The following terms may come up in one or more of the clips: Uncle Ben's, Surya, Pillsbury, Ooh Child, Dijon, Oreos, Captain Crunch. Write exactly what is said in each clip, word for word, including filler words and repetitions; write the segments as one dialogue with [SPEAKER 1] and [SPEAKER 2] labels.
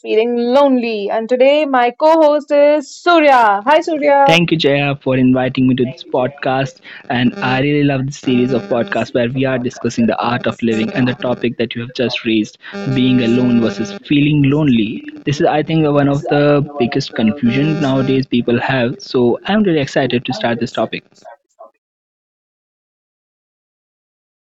[SPEAKER 1] Feeling lonely. And today, my co host is Surya. Hi, Surya.
[SPEAKER 2] Thank you, Jaya, for inviting me to this podcast. And I really love this series of podcasts where we are discussing the art of living and the topic that you have just raised, being alone versus feeling lonely. This is, I think, one of the biggest confusion nowadays people have. So I'm really excited to start this topic.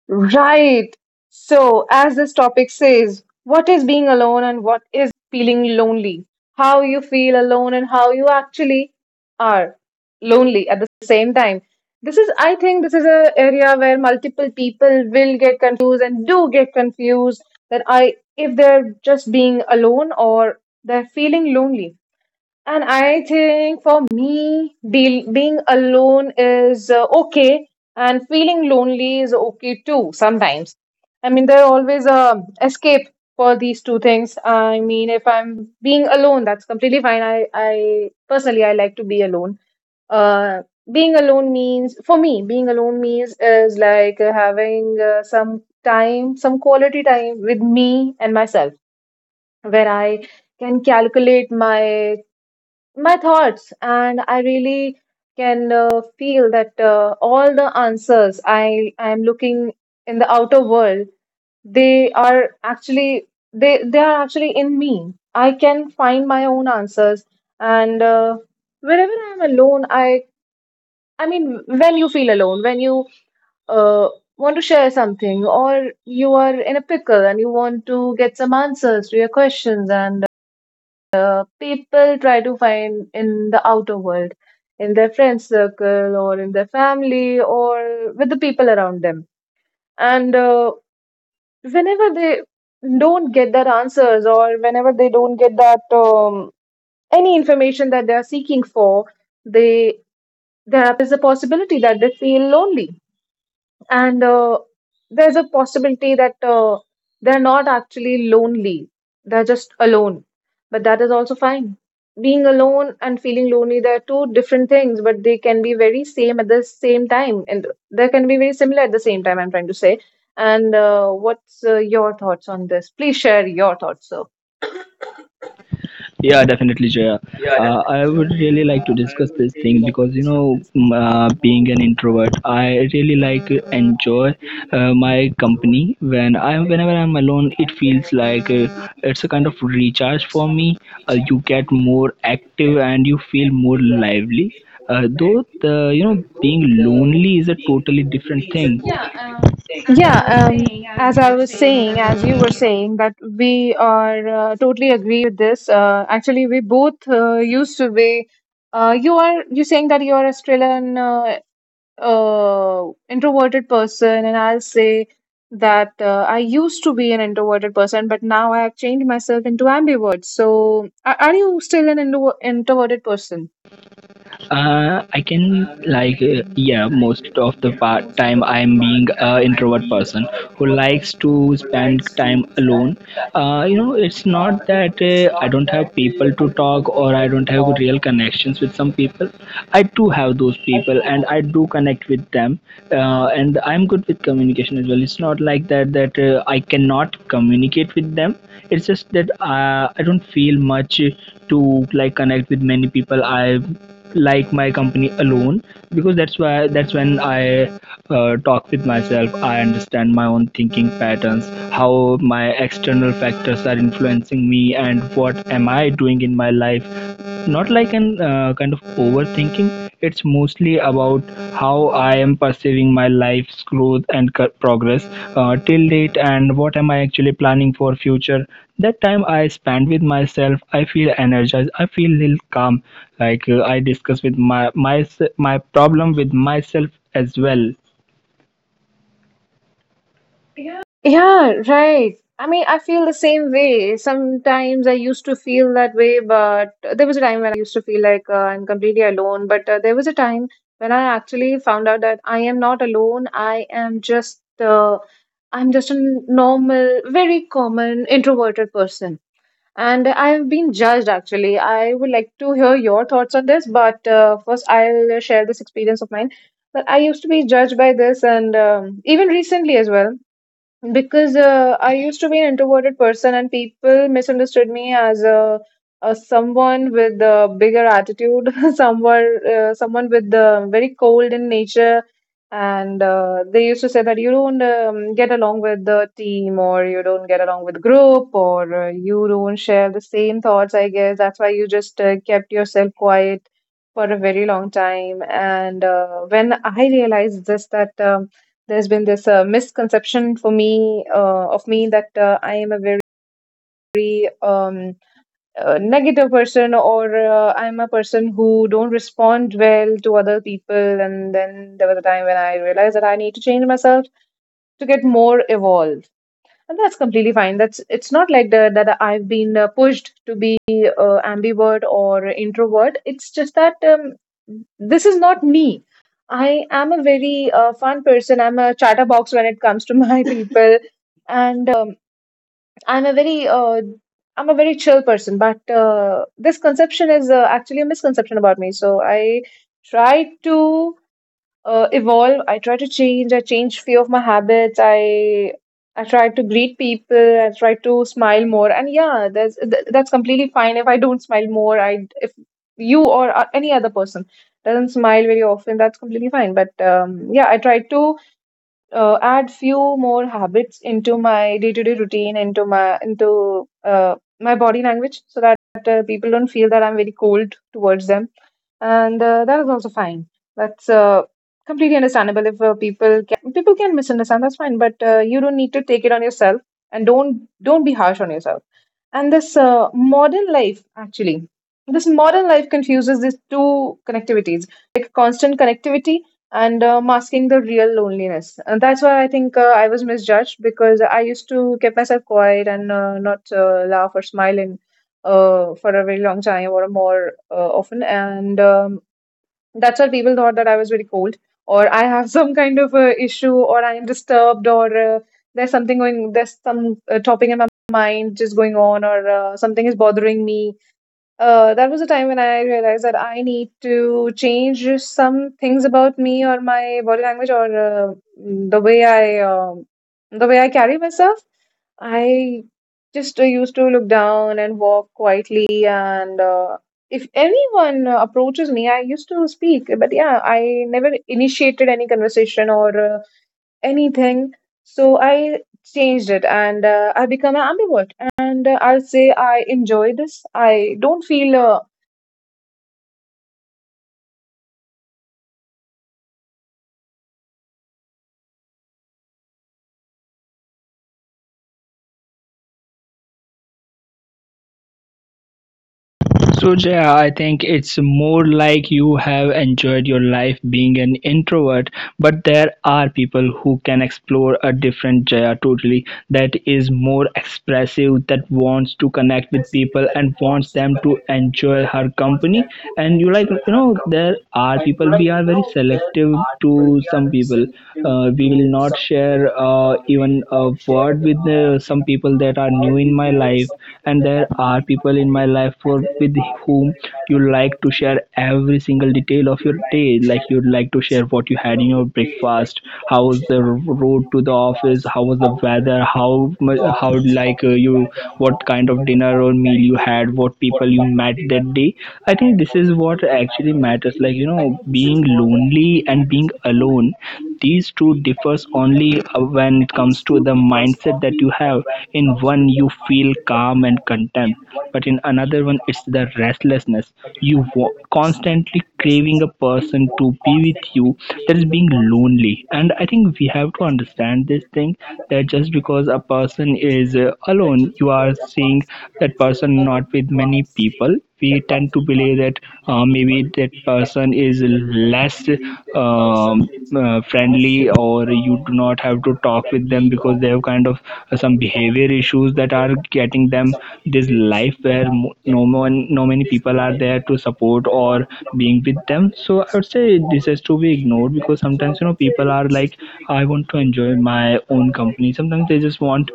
[SPEAKER 1] Right. So, as this topic says, what is being alone and what is feeling lonely? How you feel alone and how you actually are lonely at the same time. This is, I think, this is an area where multiple people will get confused and do get confused, that I, if they're just being alone or they're feeling lonely. And I think for me, be, being alone is uh, okay, and feeling lonely is okay too sometimes. I mean, there are always a escape for these two things. I mean, if I'm being alone, that's completely fine. I, I personally, I like to be alone. Uh, Being alone means, for me, being alone means is like uh, having uh, some time, some quality time with me and myself, where I can calculate my my thoughts, and I really can uh, feel that uh, all the answers i i am looking in the outer world, they are actually they they are actually in me. I can find my own answers. And uh, whenever I am alone, i I mean, when you feel alone, when you uh, want to share something, or you are in a pickle and you want to get some answers to your questions, and uh, people try to find in the outer world, in their friend circle, or in their family, or with the people around them. And uh, whenever they don't get their answers, or whenever they don't get that um, any information that they are seeking for, they there are a possibility that they feel lonely, and uh, there's a possibility that uh, they're not actually lonely, they're just alone. But that is also fine. Being alone and feeling lonely, they're two different things, but they can be very same at the same time, and they can be very similar at the same time, I'm trying to say. And uh, what's uh, your thoughts on this? Please share your thoughts,
[SPEAKER 2] Yeah, definitely, Jaya. Uh, I would really like to discuss this thing because you know, m- uh, being an introvert, I really like uh, enjoy uh, my company. When I'm whenever I'm alone, it feels like uh, it's a kind of recharge for me. Uh, you get more active and you feel more lively. Uh, though the you know being lonely is a totally different
[SPEAKER 1] sir.
[SPEAKER 2] thing. Yeah, um, as I was
[SPEAKER 1] Yeah, um,
[SPEAKER 2] saying, as
[SPEAKER 1] as
[SPEAKER 2] you
[SPEAKER 1] I
[SPEAKER 2] were
[SPEAKER 1] was
[SPEAKER 2] saying,
[SPEAKER 1] saying,
[SPEAKER 2] that would
[SPEAKER 1] as you were
[SPEAKER 2] be.
[SPEAKER 1] saying, that we are uh, totally agree with this. Uh, actually, we both uh, used to be. Uh, you are you saying that you are Australian uh, uh, introverted person, and I'll say that uh, I used to be an introverted person, but now I have changed myself into ambivert. So, are, are you still an intro introverted person?
[SPEAKER 2] Uh, I can like uh, yeah, most of the part time I'm being a introvert person who likes to spend time alone. Uh, you know, it's not that uh, I don't have people to talk or I don't have real connections with some people. I do have those people and I do connect with them. Uh, and I'm good with communication as well. It's not like that that uh, I cannot communicate with them. It's just that uh, I don't feel much to like connect with many people. I like my company alone because that's why that's when I uh, talk with myself. I understand my own thinking patterns, how my external factors are influencing me and what am I doing in my life, not like an uh, kind of overthinking. It's mostly about how I am perceiving my life's growth and co- progress uh, till date, and what am I actually planning for future. That time I spend with myself, I feel energized. I feel little calm. Like uh, I discuss with my my my problem with myself as well.
[SPEAKER 1] Yeah, right. I mean, I feel the same way. Sometimes I used to feel that way, but there was a time when used to feel like uh, I'm completely alone. But uh, there was a time when I actually found out that I am not alone. I am just uh, I'm just a normal, very common introverted person. And I have been judged actually. I would like to hear your thoughts on this, but uh, first I'll share this experience of mine. But I used to be judged by this, and um, even recently as well, because uh, I used to be an introverted person, and people misunderstood me as a, a someone with a bigger attitude, someone uh, someone with uh, very cold in nature, and uh, they used to say that you don't um, get along with the team, or you don't get along with group, or uh, you don't share the same thoughts. I guess that's why you just uh, kept yourself quiet for a very long time. And uh, when I realized this, that um there's been this uh, misconception for me uh, of me, that uh, I am a very um, uh, negative person, or uh, I'm a person who don't respond well to other people. And then there was a time when I realized that I need to change myself to get more evolved, and that's completely fine. That's it's not like the, that I've been uh, pushed to be uh, ambivert or introvert. It's just that um, this is not me. I am a very uh, fun person. I'm a chatterbox when it comes to my people, and um, I'm a very uh, I'm a very chill person, but uh, this conception is uh, actually a misconception about me. So I try to uh, evolve. I try to change. I change few of my habits. I I try to greet people. I try to smile more. And yeah, that's th- that's completely fine. If I don't smile more, I if you or uh, any other person doesn't smile very often, that's completely fine. But um, yeah, I try to uh, add few more habits into my day-to-day routine, into my into uh, my body language, so that uh, people don't feel that I'm very cold towards them, and uh, that is also fine. That's uh, completely understandable if uh, people people can misunderstand. That's fine, but uh, you don't need to take it on yourself, and don't don't be harsh on yourself. And this uh, modern life actually this modern life confuses these two connectivities, like constant connectivity and uh, masking the real loneliness. And that's why I think uh, I was misjudged, because I used to keep myself quiet and uh, not uh, laugh or smile in uh, for a very long time, or more uh, often. And um, that's why people thought that I was very cold, or I have some kind of uh, issue, or I am disturbed, or uh, there's something going, there's some uh, topic in my mind just going on, or uh, something is bothering me. Uh, that was a time when I realized that I need to change some things about me, or my body language, or uh, the way I, um the way I carry myself. I just uh, used to look down and walk quietly. And uh, if anyone uh, approaches me, I used to speak. But yeah, I never initiated any conversation or uh, anything. So I changed it, and uh, I become an ambivert. And uh, I'll say I enjoy this. I don't feel uh,
[SPEAKER 2] So Jaya, I think it's more like you have enjoyed your life being an introvert, but there are people who can explore a different Jaya totally, that is more expressive, that wants to connect with people and wants them to enjoy her company. And you like, you know, there are people, we are very selective to some people. Uh, we will not share uh, even a word with uh, some people that are new in my life, and there are people in my life for with whom you like to share every single detail of your day, like you'd like to share what you had in your breakfast, how was the road to the office, how was the weather, how mu- how like uh, you, what kind of dinner or meal you had, what people you met that day. I think this is what actually matters, like you know, being lonely and being alone, these two differs only uh, when it comes to the mindset that you have. In one you feel calm and content, but in another one it's the restlessness. You wa- constantly craving a person to be with you, that is being lonely. And I think we have to understand this thing that just because a person is uh, alone, you are seeing that person not with many people, we tend to believe that uh, uh, maybe that person is less um, uh, friendly, or you do not have to talk with them because they have kind of uh, some behavior issues that are getting them this life where mo- no one no many people are there to support or being with them. So I would say this has to be ignored because sometimes, you know, people are like, I want to enjoy my own company. Sometimes they just want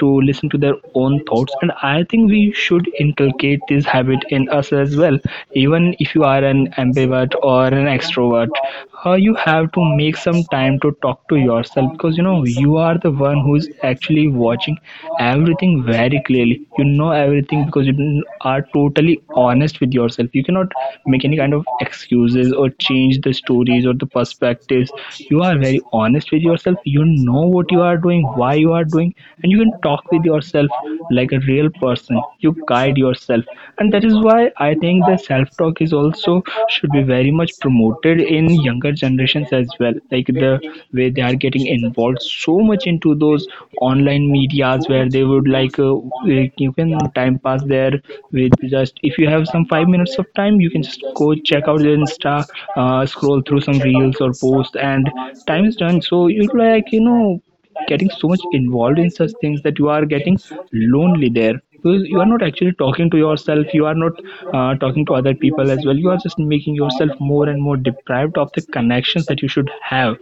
[SPEAKER 2] to listen to their own thoughts, and I think we should inculcate this habit in us as well. Even if you are an ambivert or an extrovert, uh, you have to make some time to talk to yourself, because you know, you are the one who is actually watching everything very clearly. You know everything because you are totally honest with yourself. You cannot make any kind of excuses or change the stories or the perspectives. You are very very honest with yourself. You know what you are doing, why you are doing, and you can talk with yourself like a real person. You guide yourself, and that is why I think the self talk is also should be very much promoted in younger generations as well, like the way they are getting involved so much into those online medias where they would like uh, like you can time pass there with just if you have some five minutes of time, you can just go check out Insta, uh, scroll through some reels or posts, and time is done. So you're like, you know, getting so much involved in such things that you are getting lonely there because you are not actually talking to yourself, you are not uh, talking to other people as well, you are just making yourself more and more deprived of the connections that you should have.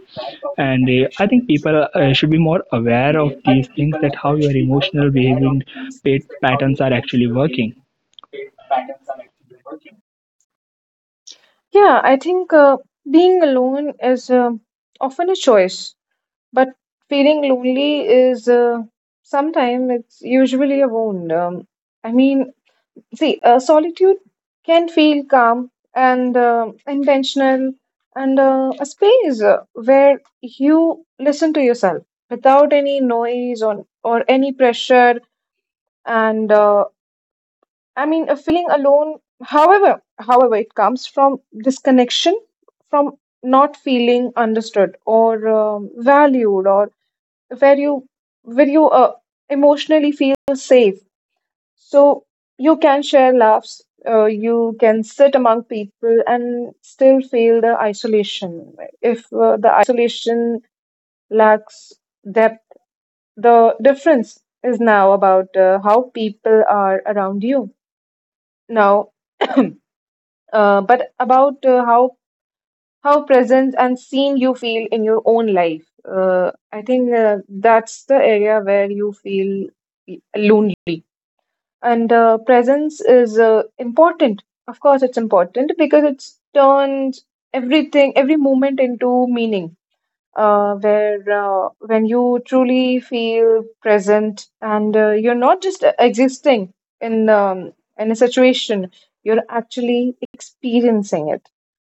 [SPEAKER 2] And uh, I think people uh, should be more aware of these things, that how your emotional behaving pat- patterns are actually working.
[SPEAKER 1] yeah, I think uh, being alone is uh, often a choice, but feeling lonely is uh, sometimes, it's usually a wound. Um, I mean, see, uh, solitude can feel calm and uh, intentional, and uh, a space uh, where you listen to yourself without any noise or or any pressure. And uh, I mean, a feeling alone, however, however, it comes from disconnection, from not feeling understood, or um, valued, or where you where you uh, emotionally feel safe. So you can share laughs, uh, you can sit among people and still feel the isolation, if uh, the isolation lacks depth. The difference is now about uh, how people are around you. Now, uh, but about uh, how how present and seen you feel in your own life. Uh, I think uh, that's the area where you feel lonely. And uh, presence is uh, important. Of course, it's important, because it's turns everything, every moment into meaning, uh, where uh, when you truly feel present and uh, you're not just existing in um, in a situation, you're actually experiencing it.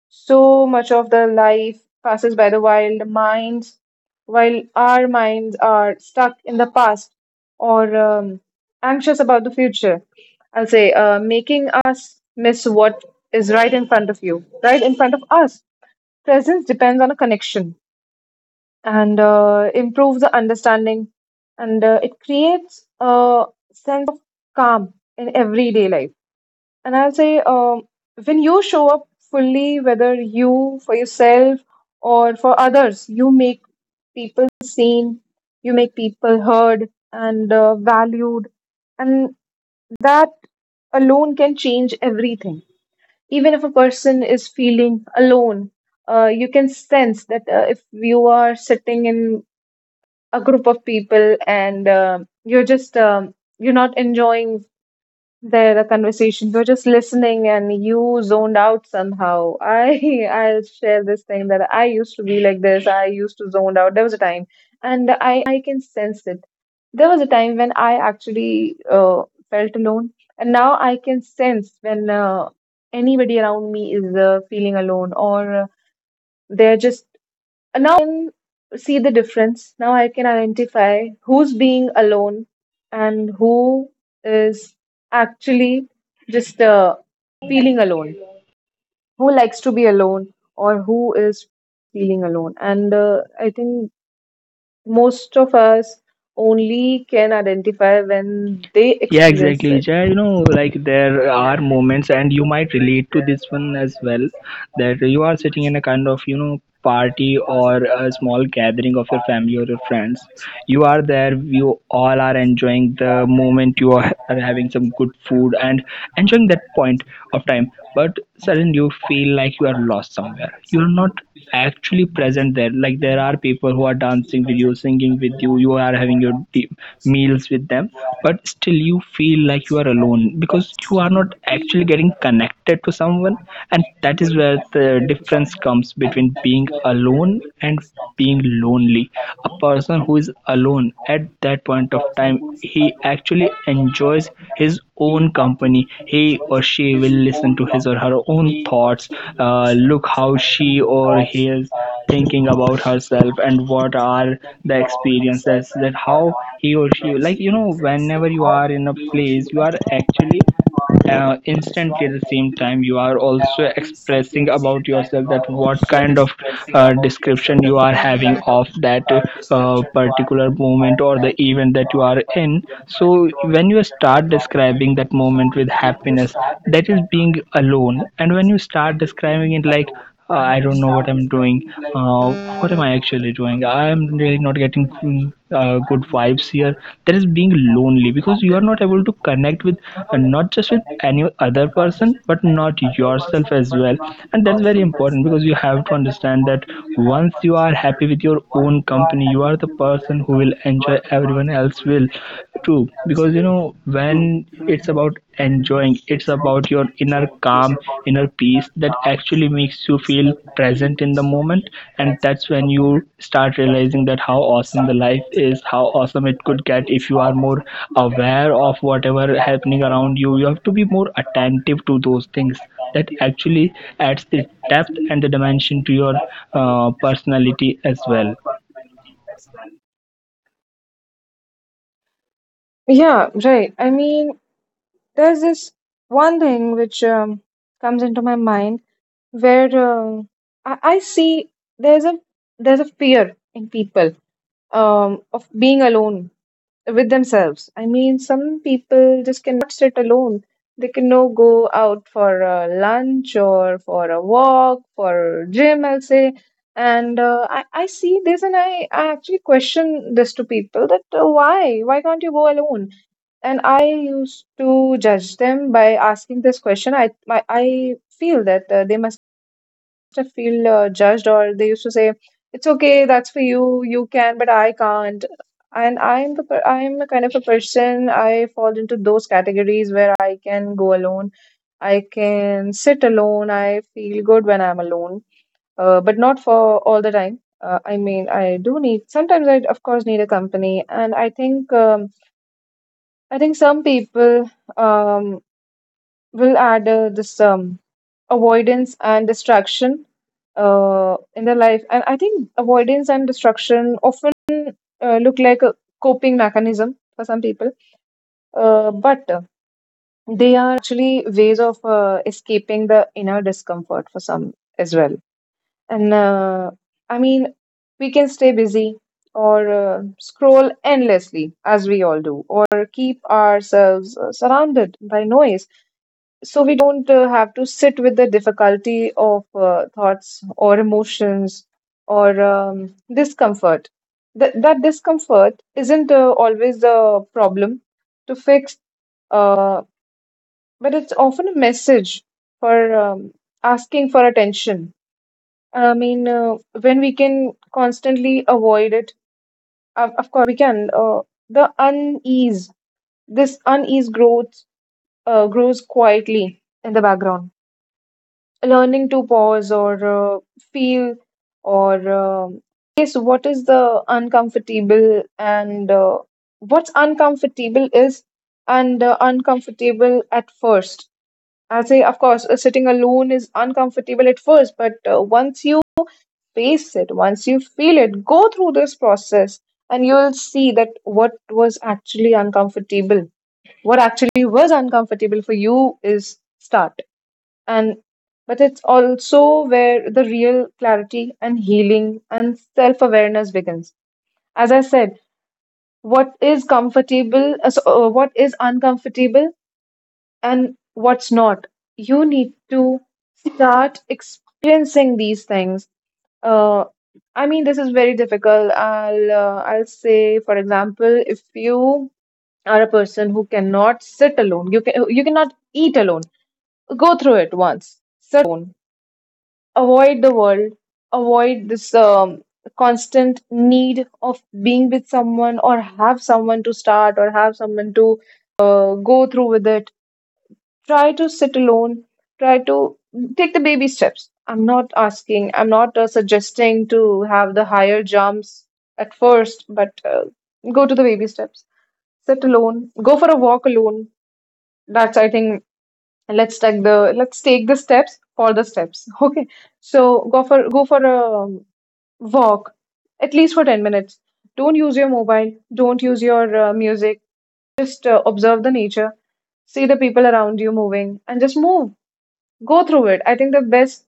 [SPEAKER 1] So much of the life passes by the wild minds, while our minds are stuck in the past or um, anxious about the future. I'll say, uh, making us miss what is right in front of you, right in front of us. Presence depends on a connection and uh, improves the understanding, and uh, it creates a sense of calm in everyday life. And I'll say, um, when you show up fully, whether you for yourself or for others, you make people seen, you make people heard and uh, valued, and that alone can change everything. Even if a person is feeling alone, uh, you can sense that. Uh, if you are sitting in a group of people and um you're just um, you're not enjoying their conversation, you're just listening and you zoned out somehow. I I'll share this thing, that I used to be like this. I used to zoned out. There was a time, and i i can sense it. There was a time when I actually uh, felt alone, and now I can sense when uh, anybody around me is uh, feeling alone, or uh, they're just now can see the difference. Now I can identify who's being alone and who is actually just uh, feeling alone, who likes to be alone or who is feeling alone. And uh, I think most of us only can identify when they
[SPEAKER 2] Yeah,
[SPEAKER 1] experience
[SPEAKER 2] exactly.
[SPEAKER 1] it.
[SPEAKER 2] Yeah, you know, like there are moments, and you might relate to this one as well, that you are sitting in a kind of, you know, party or a small gathering of your family or your friends. You are there, you all are enjoying the moment, you are, are having some good food and enjoying that point of time. But suddenly you feel like you are lost somewhere. You are not actually present there. Like there are people who are dancing with you, singing with you, you are having your de- meals with them, but still you feel like you are alone because you are not actually getting connected to someone, and that is where the difference comes between being alone and being lonely. A person who is alone at that point of time, he actually enjoys his own company. He or she will listen to his or her own thoughts, uh, look how she or he is thinking about herself, and what are the experiences, that how he or she, like you know, whenever you are in a place, you are actually uh, instantly at the same time you are also expressing about yourself, that what kind of uh, description you are having of that uh, particular moment or the event that you are in. So when you start describing that moment with happiness, that is being alone. And when you start describing it like uh, I don't know what I'm doing, uh, what am I actually doing, I'm really not getting mm, uh, good vibes here, there is being lonely, because you are not able to connect with uh, not just with any other person, but not yourself as well. And that's very important, because you have to understand that once you are happy with your own company, you are the person who will enjoy, everyone else will too, because you know, when it's about enjoying. It's about your inner calm, inner peace that actually makes you feel present in the moment. And that's when you start realizing that how awesome the life is, how awesome it could get if you are more aware of whatever happening around you. You have to be more attentive to those things that actually adds the depth and the dimension to your uh, personality as well.
[SPEAKER 1] Yeah, right. I mean, there's this one thing which um, comes into my mind, where uh, I, I see there's a there's a fear in people, um, of being alone with themselves. I mean, some people just cannot sit alone. They cannot go out for a lunch or for a walk, for gym, I'll say. And uh, I, I see this, and I, I actually question this to people, that uh, why? Why can't you go alone? And I used to judge them by asking this question. I I, I feel that uh, they must have feel uh, judged, or they used to say, "It's okay, that's for you. You can, but I can't." And I'm the per- I'm a kind of a person. I fall into those categories where I can go alone. I can sit alone. I feel good when I'm alone, uh, but not for all the time. Uh, I mean, I do need sometimes. I of course need a company, and I think um, I think some people um, we'll add uh, this um, avoidance and distraction uh, in their life. And I think avoidance and distraction often uh, look like a coping mechanism for some people, uh, but uh, they are actually ways of uh, escaping the inner discomfort for some as well. And uh, I mean, we can stay busy or uh, scroll endlessly, as we all do, or keep ourselves uh, surrounded by noise so we don't uh, have to sit with the difficulty of uh, thoughts or emotions or um, discomfort. Th- that discomfort isn't uh, always the problem to fix, uh, but it's often a message for um, asking for attention. I mean, uh, when we can constantly avoid it, of of course, we can. Uh, the unease, this unease growth, uh, grows quietly in the background learning to pause or uh, feel or um face what is the uncomfortable and uh, what's uncomfortable is and uh, uncomfortable at first. I'll say, of course, uh, sitting alone is uncomfortable at first, but uh, once you face it, once you feel it, go through this process and you'll see that what was actually uncomfortable, what actually was uncomfortable for you is start, and but it's also where the real clarity and healing and self-awareness begins. As I said, what is comfortable, uh, so, uh, what is uncomfortable and what's not, you need to start experiencing these things. uh, I mean, this is very difficult. i'll uh, I'll say, for example, if you are a person who cannot sit alone, you can you cannot eat alone, go through it once, sit alone, avoid the world, avoid this um, constant need of being with someone or have someone to start or have someone to uh, go through with it. Try to sit alone, try to take the baby steps. I'm not asking, I'm not uh, suggesting to have the higher jumps at first, but uh, go to the baby steps. Sit alone, go for a walk alone. That's, I think, and let's take the let's take the steps for the steps. Okay, so go for go for a um, walk at least for ten minutes. Don't use your mobile, don't use your uh, music, just uh, observe the nature, see the people around you moving, and just move, go through it. I think the best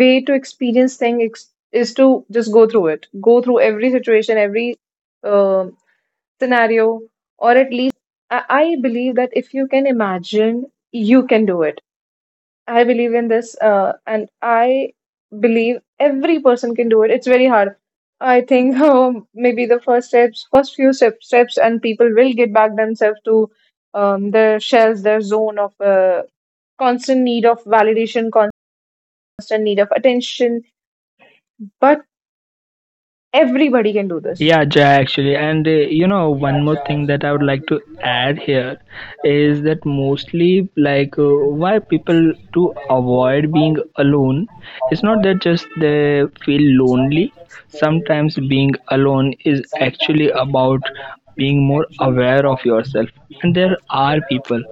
[SPEAKER 1] way to experience thing ex- is to just go through it, go through every situation, every um scenario, or at least I-, I believe that if you can imagine, you can do it. I believe in this, uh, and I believe every person can do it. It's very hard. I think um, maybe the first steps, first few step, steps, and people will get back themselves to um, their shells, their zone of uh, constant need of validation, constant need of attention. But everybody can do this.
[SPEAKER 2] Yeah, Jai, actually. And uh, you know, one more thing that I would like to add here is that mostly, like, uh, why people to avoid being alone, it's not that just they feel lonely. Sometimes being alone is actually about being more aware of yourself. And there are people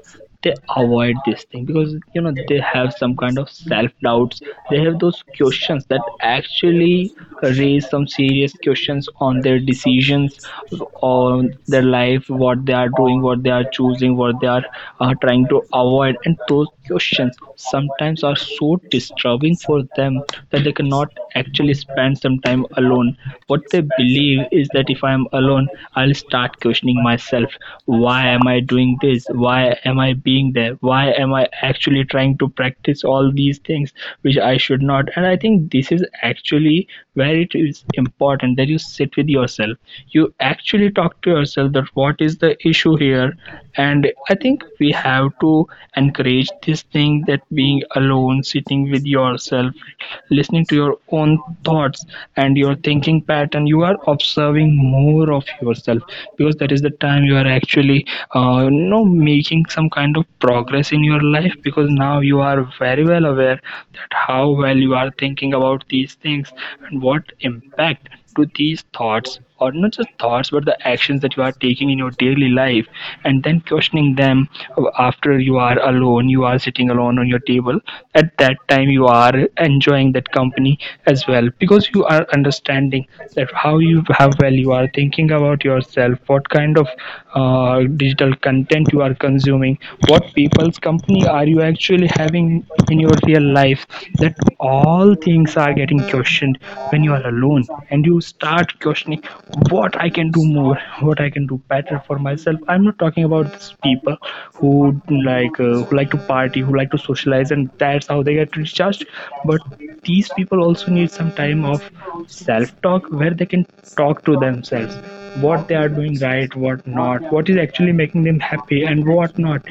[SPEAKER 2] they avoid this thing because you know they have some kind of self doubts, they have those questions that actually raise some serious questions on their decisions, on their life, what they are doing, what they are choosing, what they are uh, trying to avoid, and those questions sometimes are so disturbing for them that they cannot actually spend some time alone. What they believe is that if I am alone, I'll start questioning myself. Why am I doing this? Why am I being there? Why am I actually trying to practice all these things which I should not? And I think this is actually where it is important that you sit with yourself. You actually talk to yourself that what is the issue here, and I think we have to encourage this thing, that being alone, sitting with yourself, listening to your own thoughts and your thinking pattern, you are observing more of yourself, because that is the time you are actually uh, you know making some kind of progress in your life, because now you are very well aware that how well you are thinking about these things and what impact to these thoughts, or not just thoughts, but the actions that you are taking in your daily life, and then questioning them after you are alone, you are sitting alone on your table. At that time, you are enjoying that company as well, because you are understanding that how you how well you are thinking about yourself, what kind of uh, digital content you are consuming, what people's company are you you actually having in your real life. That all things are getting questioned when you are alone, and you start questioning what I can do more, what I can do better for myself. I'm not talking about these people who like uh, who like to party, who like to socialize and that's how they get recharged, but these people also need some time of self talk, where they can talk to themselves, what they are doing right, what not, what is actually making them happy and what not.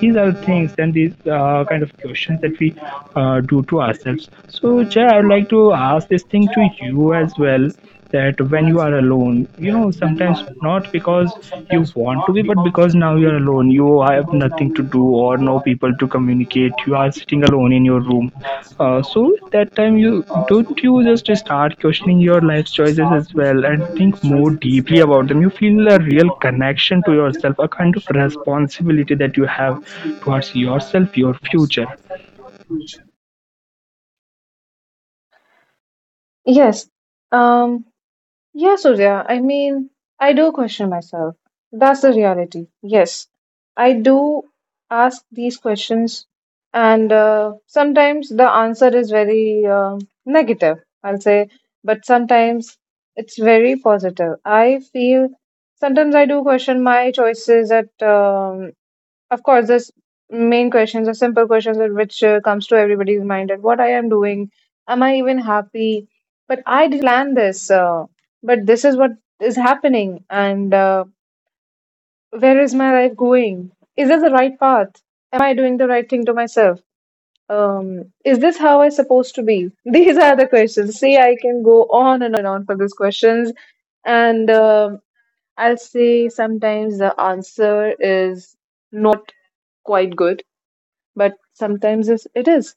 [SPEAKER 2] These are things and these uh, kind of questions that we uh, do to ourselves. So Jay, I would like to ask this thing to you as well, that when you are alone, you know sometimes not because you want to be, but because now you are alone, you have nothing to do or no people to communicate, you are sitting alone in your room. Uh, so at that time, you don't you just start questioning your life choices as well and think more deeply about them. You feel a real connection to yourself, a kind of responsibility that you have towards yourself, your future.
[SPEAKER 1] Yes. Um, yeah, Surya. I mean, I do question myself. That's the reality. Yes. I do ask these questions, and uh, sometimes the answer is very um negative, I'll say, but sometimes it's very positive. I feel sometimes I do question my choices at um, of course, this main questions, the simple questions that which uh, comes to everybody's mind, and what I am doing, am I even happy? But I didn't plan this, uh, but this is what is happening, and uh, where is my life going? Is this the right path? Am I doing the right thing to myself? Um, is this how I'm supposed to be? These are the questions. See, I can go on and and on for these questions, and um I'll say sometimes the answer is not quite good, but sometimes it's, it is.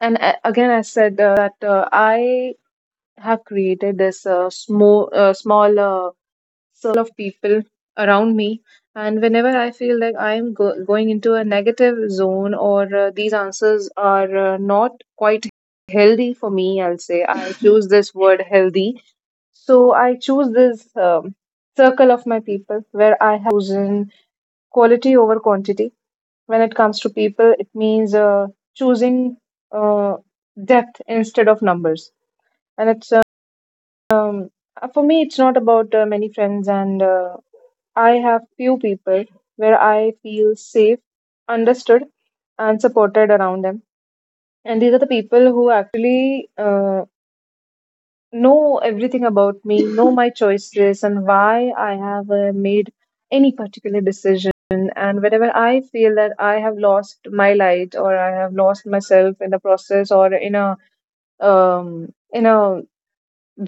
[SPEAKER 1] And a- again, I said uh, that uh, I have created this uh, small, uh, small uh, circle of people around me. And whenever I feel like I am go- going into a negative zone or uh, these answers are uh, not quite healthy for me, I'll say I choose this word healthy. So I choose this um, circle of my people, where I chosen quality over quantity. When it comes to people, it means uh, choosing uh, depth instead of numbers, and it's um, uh, for me, it's not about uh, many friends, and uh, I have few people where I feel safe, understood and supported around them, and these are the people who actually uh, know everything about me, know my choices and why I have uh, made any particular decision. And whenever I feel that I have lost my light or I have lost myself in the process or in a um, in a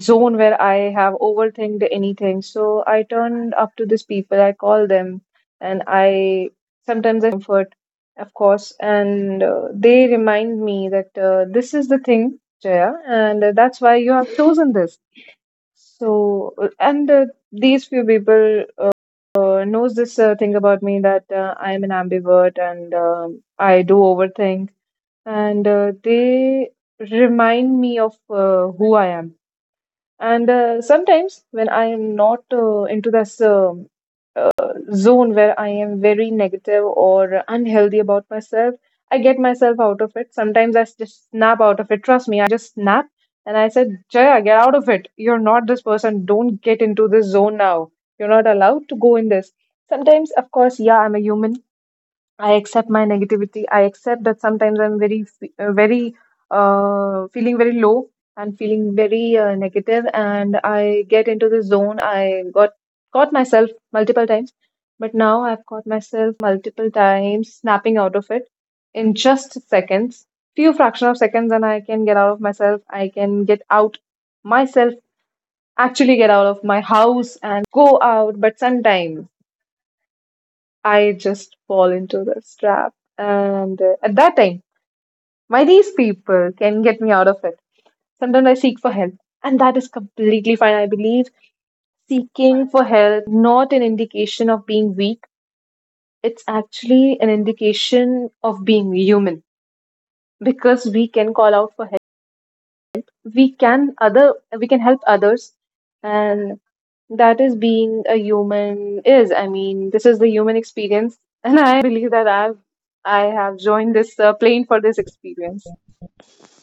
[SPEAKER 1] zone where I have overthinked anything, so I turn up to these people. I call them, and I sometimes I comfort, of course, and uh, they remind me that uh, this is the thing Jaya, and uh, that's why you have chosen this. So, uh, and uh, these few people uh, knows this uh, thing about me, that uh, I am an ambivert and um, I do overthink, and uh, they remind me of uh, who I am. And uh, sometimes when I am not uh, into this um uh, zone where I am very negative or unhealthy about myself, I get myself out of it. Sometimes I s- just snap out of it. Trust me, just snap, and I said, Jaya, get out of it. You're not this person. Don't get into this zone now. You're not allowed to go in this. Sometimes, of course, yeah, I'm a human. I accept my negativity. I accept that sometimes I'm very, fe- uh, very, uh, feeling very low and feeling very uh, negative, and I get into the zone. I got caught myself multiple times, but now I've caught myself multiple times snapping out of it in just seconds, few fraction of seconds, and I can get out of myself. I can get out myself, actually get out of my house and go out. But sometimes I just fall into this trap. And uh, at that time, my these people can get me out of it. Sometimes I seek for help, and that is completely fine. I believe seeking for help not an indication of being weak, it's actually an indication of being human, because we can call out for help, we can other we can help others, and that is being a human is. I mean, this is the human experience, and I believe that i've I have joined this uh, plane for this experience.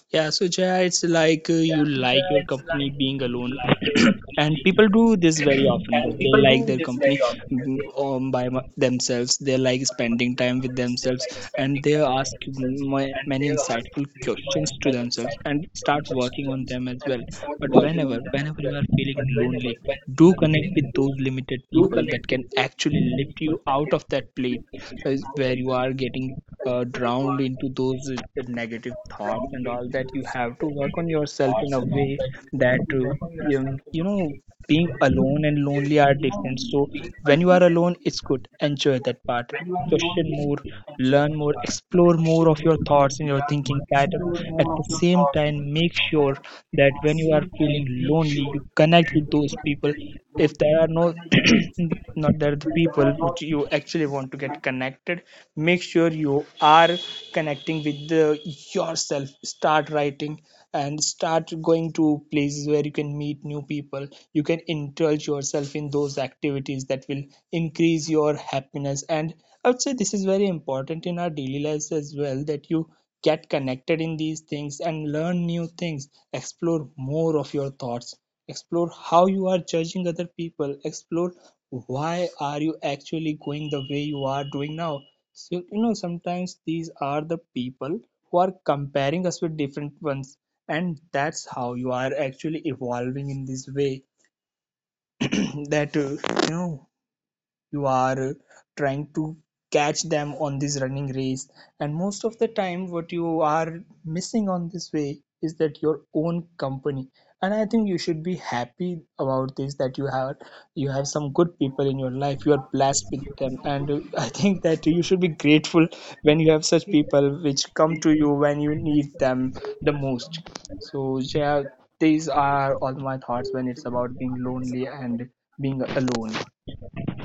[SPEAKER 2] Yeah, so Jaya, it's like uh, you like your company being alone, and people do this very often. That they like their company mm, um, by m- themselves. They like spending time with themselves, and they ask m- many insightful questions to themselves and start working on them as well. But whenever, whenever you are feeling lonely, do connect with those limited people that can actually lift you out of that place uh, where you are getting uh, drowned into those uh, negative thoughts, and all that. You have to work on yourself in a way that uh, you you know, being alone and lonely are different. So when you are alone, it's good, enjoy that part, question more, learn more, explore more of your thoughts and your thinking pattern. At the same time, make sure that when you are feeling lonely, you connect with those people. If there are no, not, there are the people which you actually want to get connected, make sure you are connecting with the, yourself. Start writing and start going to places where you can meet new people, you can indulge yourself yourself in those activities that will increase your happiness. And I would say this is very important in our daily lives as well, that you get connected in these things and learn new things, explore more of your thoughts, explore how you are judging other people, explore why are you actually going the way you are doing now. So you know sometimes these are the people who are comparing us with different ones, and that's how you are actually evolving in this way that uh, you know you are uh, trying to catch them on this running race. And most of the time what you are missing on this way is that your own company. And I think you should be happy about this, that you have you have some good people in your life, you are blessed with them. And uh, I think that you should be grateful when you have such people which come to you when you need them the most. So yeah, these are all my thoughts when it's about being lonely and being alone.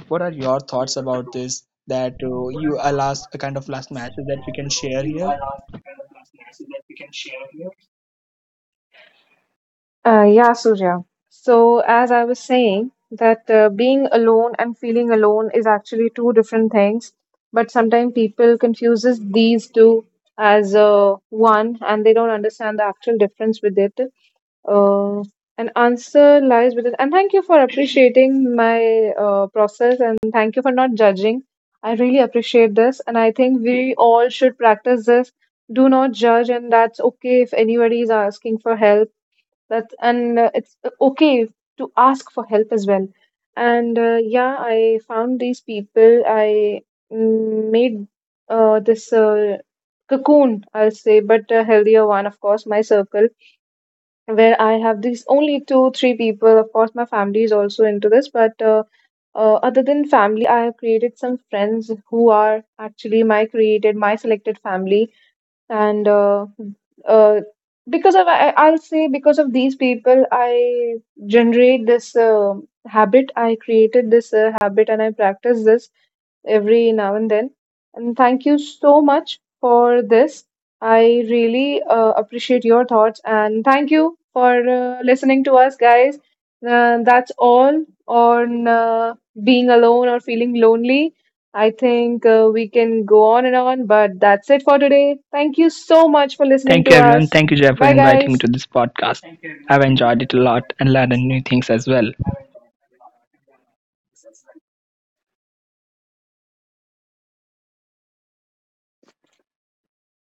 [SPEAKER 2] What are your thoughts about this? That uh, you a last a kind of last matches that we can share here.
[SPEAKER 1] Uh, yeah, Surya. So, as I was saying, that uh, being alone and feeling alone is actually two different things. But sometimes people confuses these two as uh, one, and they don't understand the actual difference with it. Uh, an answer lies with it. And thank you for appreciating my uh, process, and thank you for not judging. I really appreciate this, and I think we all should practice this. Do not judge, and that's okay if anybody is asking for help, that's, and uh, it's uh, okay to ask for help as well. And uh, yeah, I found these people. I mm, made uh, this uh, cocoon, I'll say, but a healthier one, of course, my circle, where I have these only two, three people. Of course, my family is also into this, but uh, uh, other than family, I have created some friends who are actually my created, my selected family, and uh, uh, because of I, I'll say because of these people, I generate this uh, habit. I created this uh, habit, and I practice this every now and then. And thank you so much for this. I really uh, appreciate your thoughts, and thank you for uh, listening to us, guys. Uh, that's all on uh, being alone or feeling lonely. I think uh, we can go on and on, but that's it for today. Thank you so much for listening
[SPEAKER 2] Thank
[SPEAKER 1] to
[SPEAKER 2] you, everyone.
[SPEAKER 1] us.
[SPEAKER 2] Thank you, Jeff, for
[SPEAKER 1] Bye,
[SPEAKER 2] inviting me
[SPEAKER 1] guys.
[SPEAKER 2] to this podcast. I've enjoyed it a lot and learned new things as well.